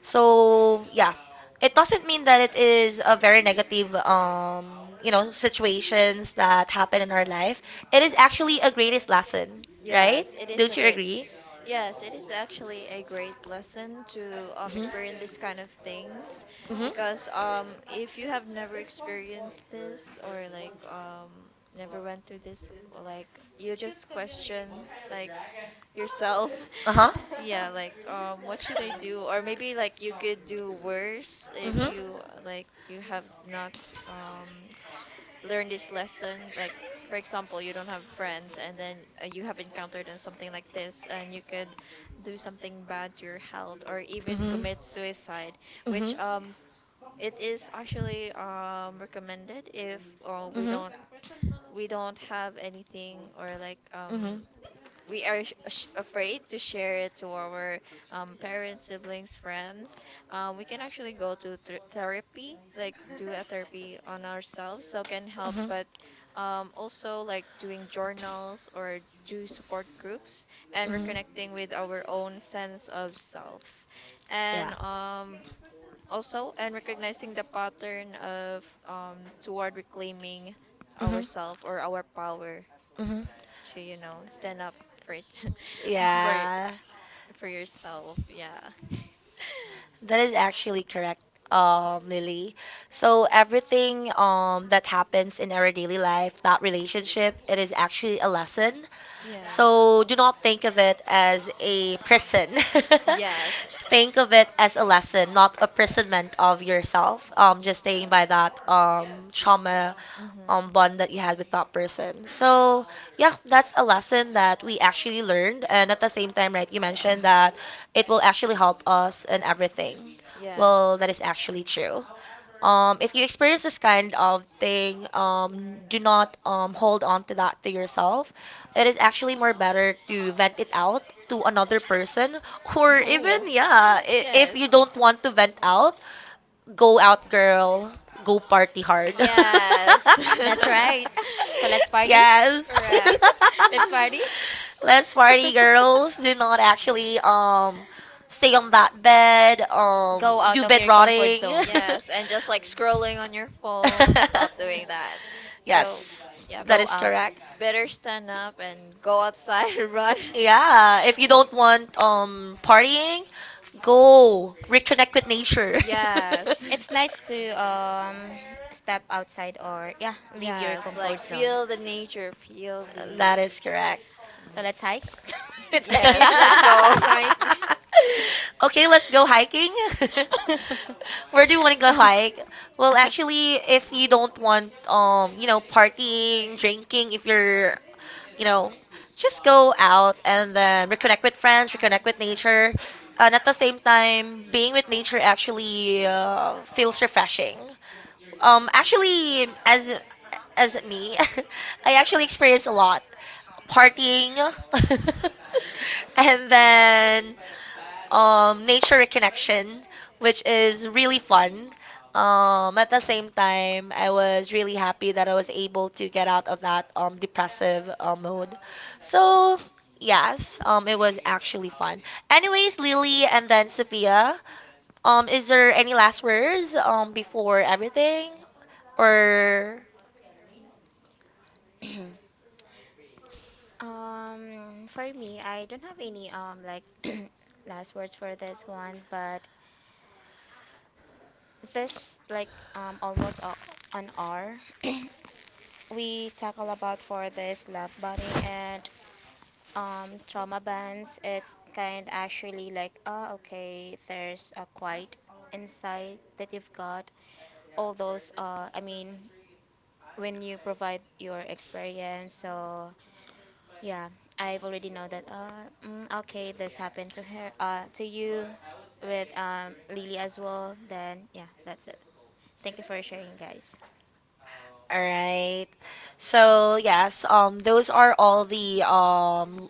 So yeah, it doesn't mean that it is a very negative, um, you know, situations that happen in our life. It is actually a greatest lesson, right? Yes, it is Don't a you great. agree? Yes, it is actually a great lesson to, um, experience Mm-hmm. this kind of things, Mm-hmm. because um, if you have never experienced this, or like, um, never went through this, like you just question like yourself. Uh huh. (laughs) Yeah, (laughs) like, um, what should I do? Or maybe, like, you could do worse if you uh, like you have not um, learn this lesson. Like, for example, you don't have friends, and then uh, you have encountered uh, something like this, and you could do something bad to your health or even commit suicide, Which which um it is actually um recommended. If uh, we don't we don't have anything, or like Mhm. um we are sh- sh- afraid to share it to our, um, parents, siblings, friends, um, we can actually go to ther therapy, like do a therapy on ourselves, so can help. But um, also like doing journals, or do support groups, and reconnecting with our own sense of self, and Yeah. um, also and recognizing the pattern of, um, toward reclaiming Hmm. ourself or our power Mm-hmm. to, you know, stand up for it, (laughs) for y- Yeah, for yourself. Yeah. (laughs) that is actually correct, um, Lily. So everything um that happens in our daily life, that relationship, it is actually a lesson. Yes. So do not think of it as a prison. (laughs) Yes. Think of it as a lesson, not imprisonment of yourself. Um, just staying by that um trauma Mm-hmm. um bond that you had with that person. So yeah, that's a lesson that we actually learned, and at the same time, right, you mentioned that it will actually help us in everything. Well, Yes. that is actually true. Um, if you experience this kind of thing, um, do not um, hold on to that to yourself. It is actually more better to vent it out to another person, or Oh. even, yeah, (laughs) i- if you Yes. don't want to vent out, go out, girl. Go party hard. Yes. (laughs) That's right. (laughs) So let's (laughs) party. Yes. Correct. (laughs) Let's (laughs) party. Let's party, girls. Do not actually um stay (laughs) on that bed. Um, Go out do of bed your comfort rotting. (laughs) zone. Yes, and just like scrolling (laughs) on your phone, (laughs) stop doing that. So, Yes, yeah, that Go is out. correct. better stand up and go outside and run. (laughs) Yeah, if you don't want um partying, go reconnect with nature. Yes, It's nice (laughs) to um, step outside or yeah, (laughs) leave your yes, comfort like zone. feel the nature, feel the. That is correct. So mm, let's hike. (laughs) (laughs) Let's hike. yes, let's (clears throat) go hike. (laughs) (laughs) Okay, let's go hiking. (laughs) Where do you want to go hike? Well, actually, if you don't want, um, you know, partying, drinking, if you're, you know, just go out and then reconnect with friends, reconnect with nature, and at the same time, being with nature actually uh, feels refreshing. Um, actually, as as me, (laughs) I actually experience a lot partying, (laughs) and then um, nature reconnection, which is really fun. Um, at the same time, I was really happy that I was able to get out of that um, depressive uh, mode. So, yes, um, it was actually fun. Anyways, Lily and then Sophia, um, is there any last words um, before everything? Or. Um, for me, I don't have any um like (clears throat) last words for this one, but this like um almost a, an hour (clears throat) we tackle about for this love bombing and um trauma bands it's kind actually like, oh okay, there's a quiet insight that you've got all those uh i mean when you provide your experience. So yeah, I've already know that. Uh, mm, okay, this happened to her, uh, to you, with um, Lily as well. Then yeah, that's it. Thank you for sharing, guys. All right. So yes, um, those are all the um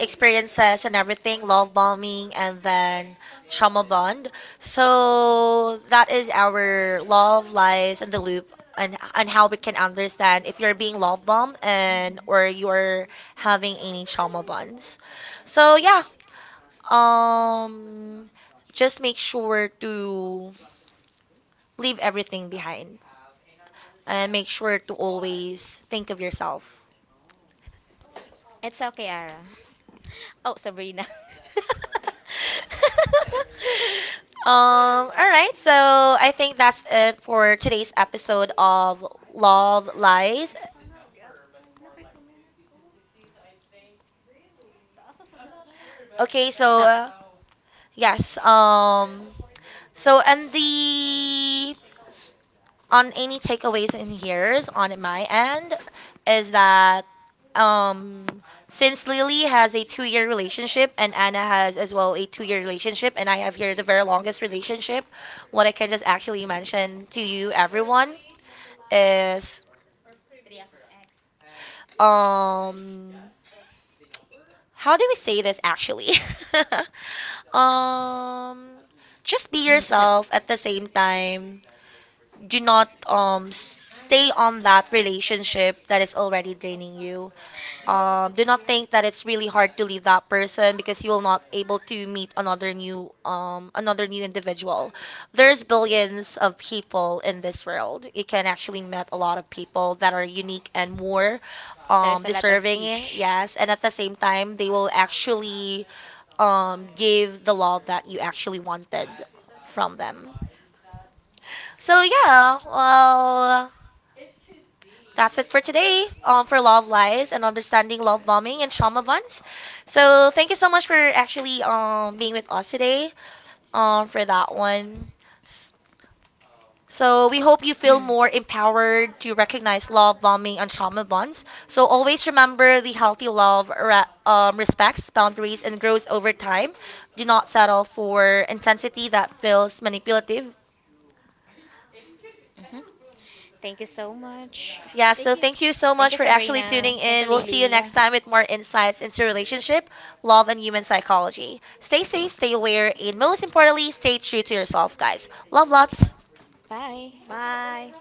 experiences and everything, love bombing and then trauma bond. So that is our love lies in the loop, and and how we can understand if you're being love bombed and Mhm. or you're having any trauma bonds. So yeah, um, just make sure to leave everything behind and make sure to always think of yourself. It's okay, Ara. (laughs) Oh, Sabrina. (laughs) (laughs) (laughs) Um, all right, so I think that's it for today's episode of Love Lies. Okay, so So, uh, yes, um, so and the on any takeaways in here's on my end is that um since Lily has a two year relationship and Anna has as well a two year relationship, and I have here the very longest relationship, what I can just actually mention to you everyone is um how do we say this actually? (laughs) um just be (clears throat) so yourself. At the same time, do not um s- stay on that relationship that is already draining you. Um, do not think that it's really hard to leave that person, because you will not able to meet another new um another new individual. There's billions of people in this world. You can actually meet a lot of people that are unique and more there's um a lot of deserving. fish. Yes, and at the same time they will actually um give the love that you actually wanted from them. So yeah, well, that's it for today, um, for Love Lies and understanding love bombing and trauma bonds. So thank you so much for actually um, being with us today, um, for that one. So we hope you feel more empowered to recognize love bombing and trauma bonds. So always remember the healthy love re- um, respects boundaries and grows over time. Do not settle for intensity that feels manipulative. Mhm. Thank you so much. Yeah, Thank so you. thank you so Thank much you, for actually Sabrina. tuning Thank you, in. We'll see you Lily. next time with more insights into relationship, love, and human psychology. Stay safe, stay aware, and most importantly, stay true to yourself, guys. Love lots. Bye. Bye.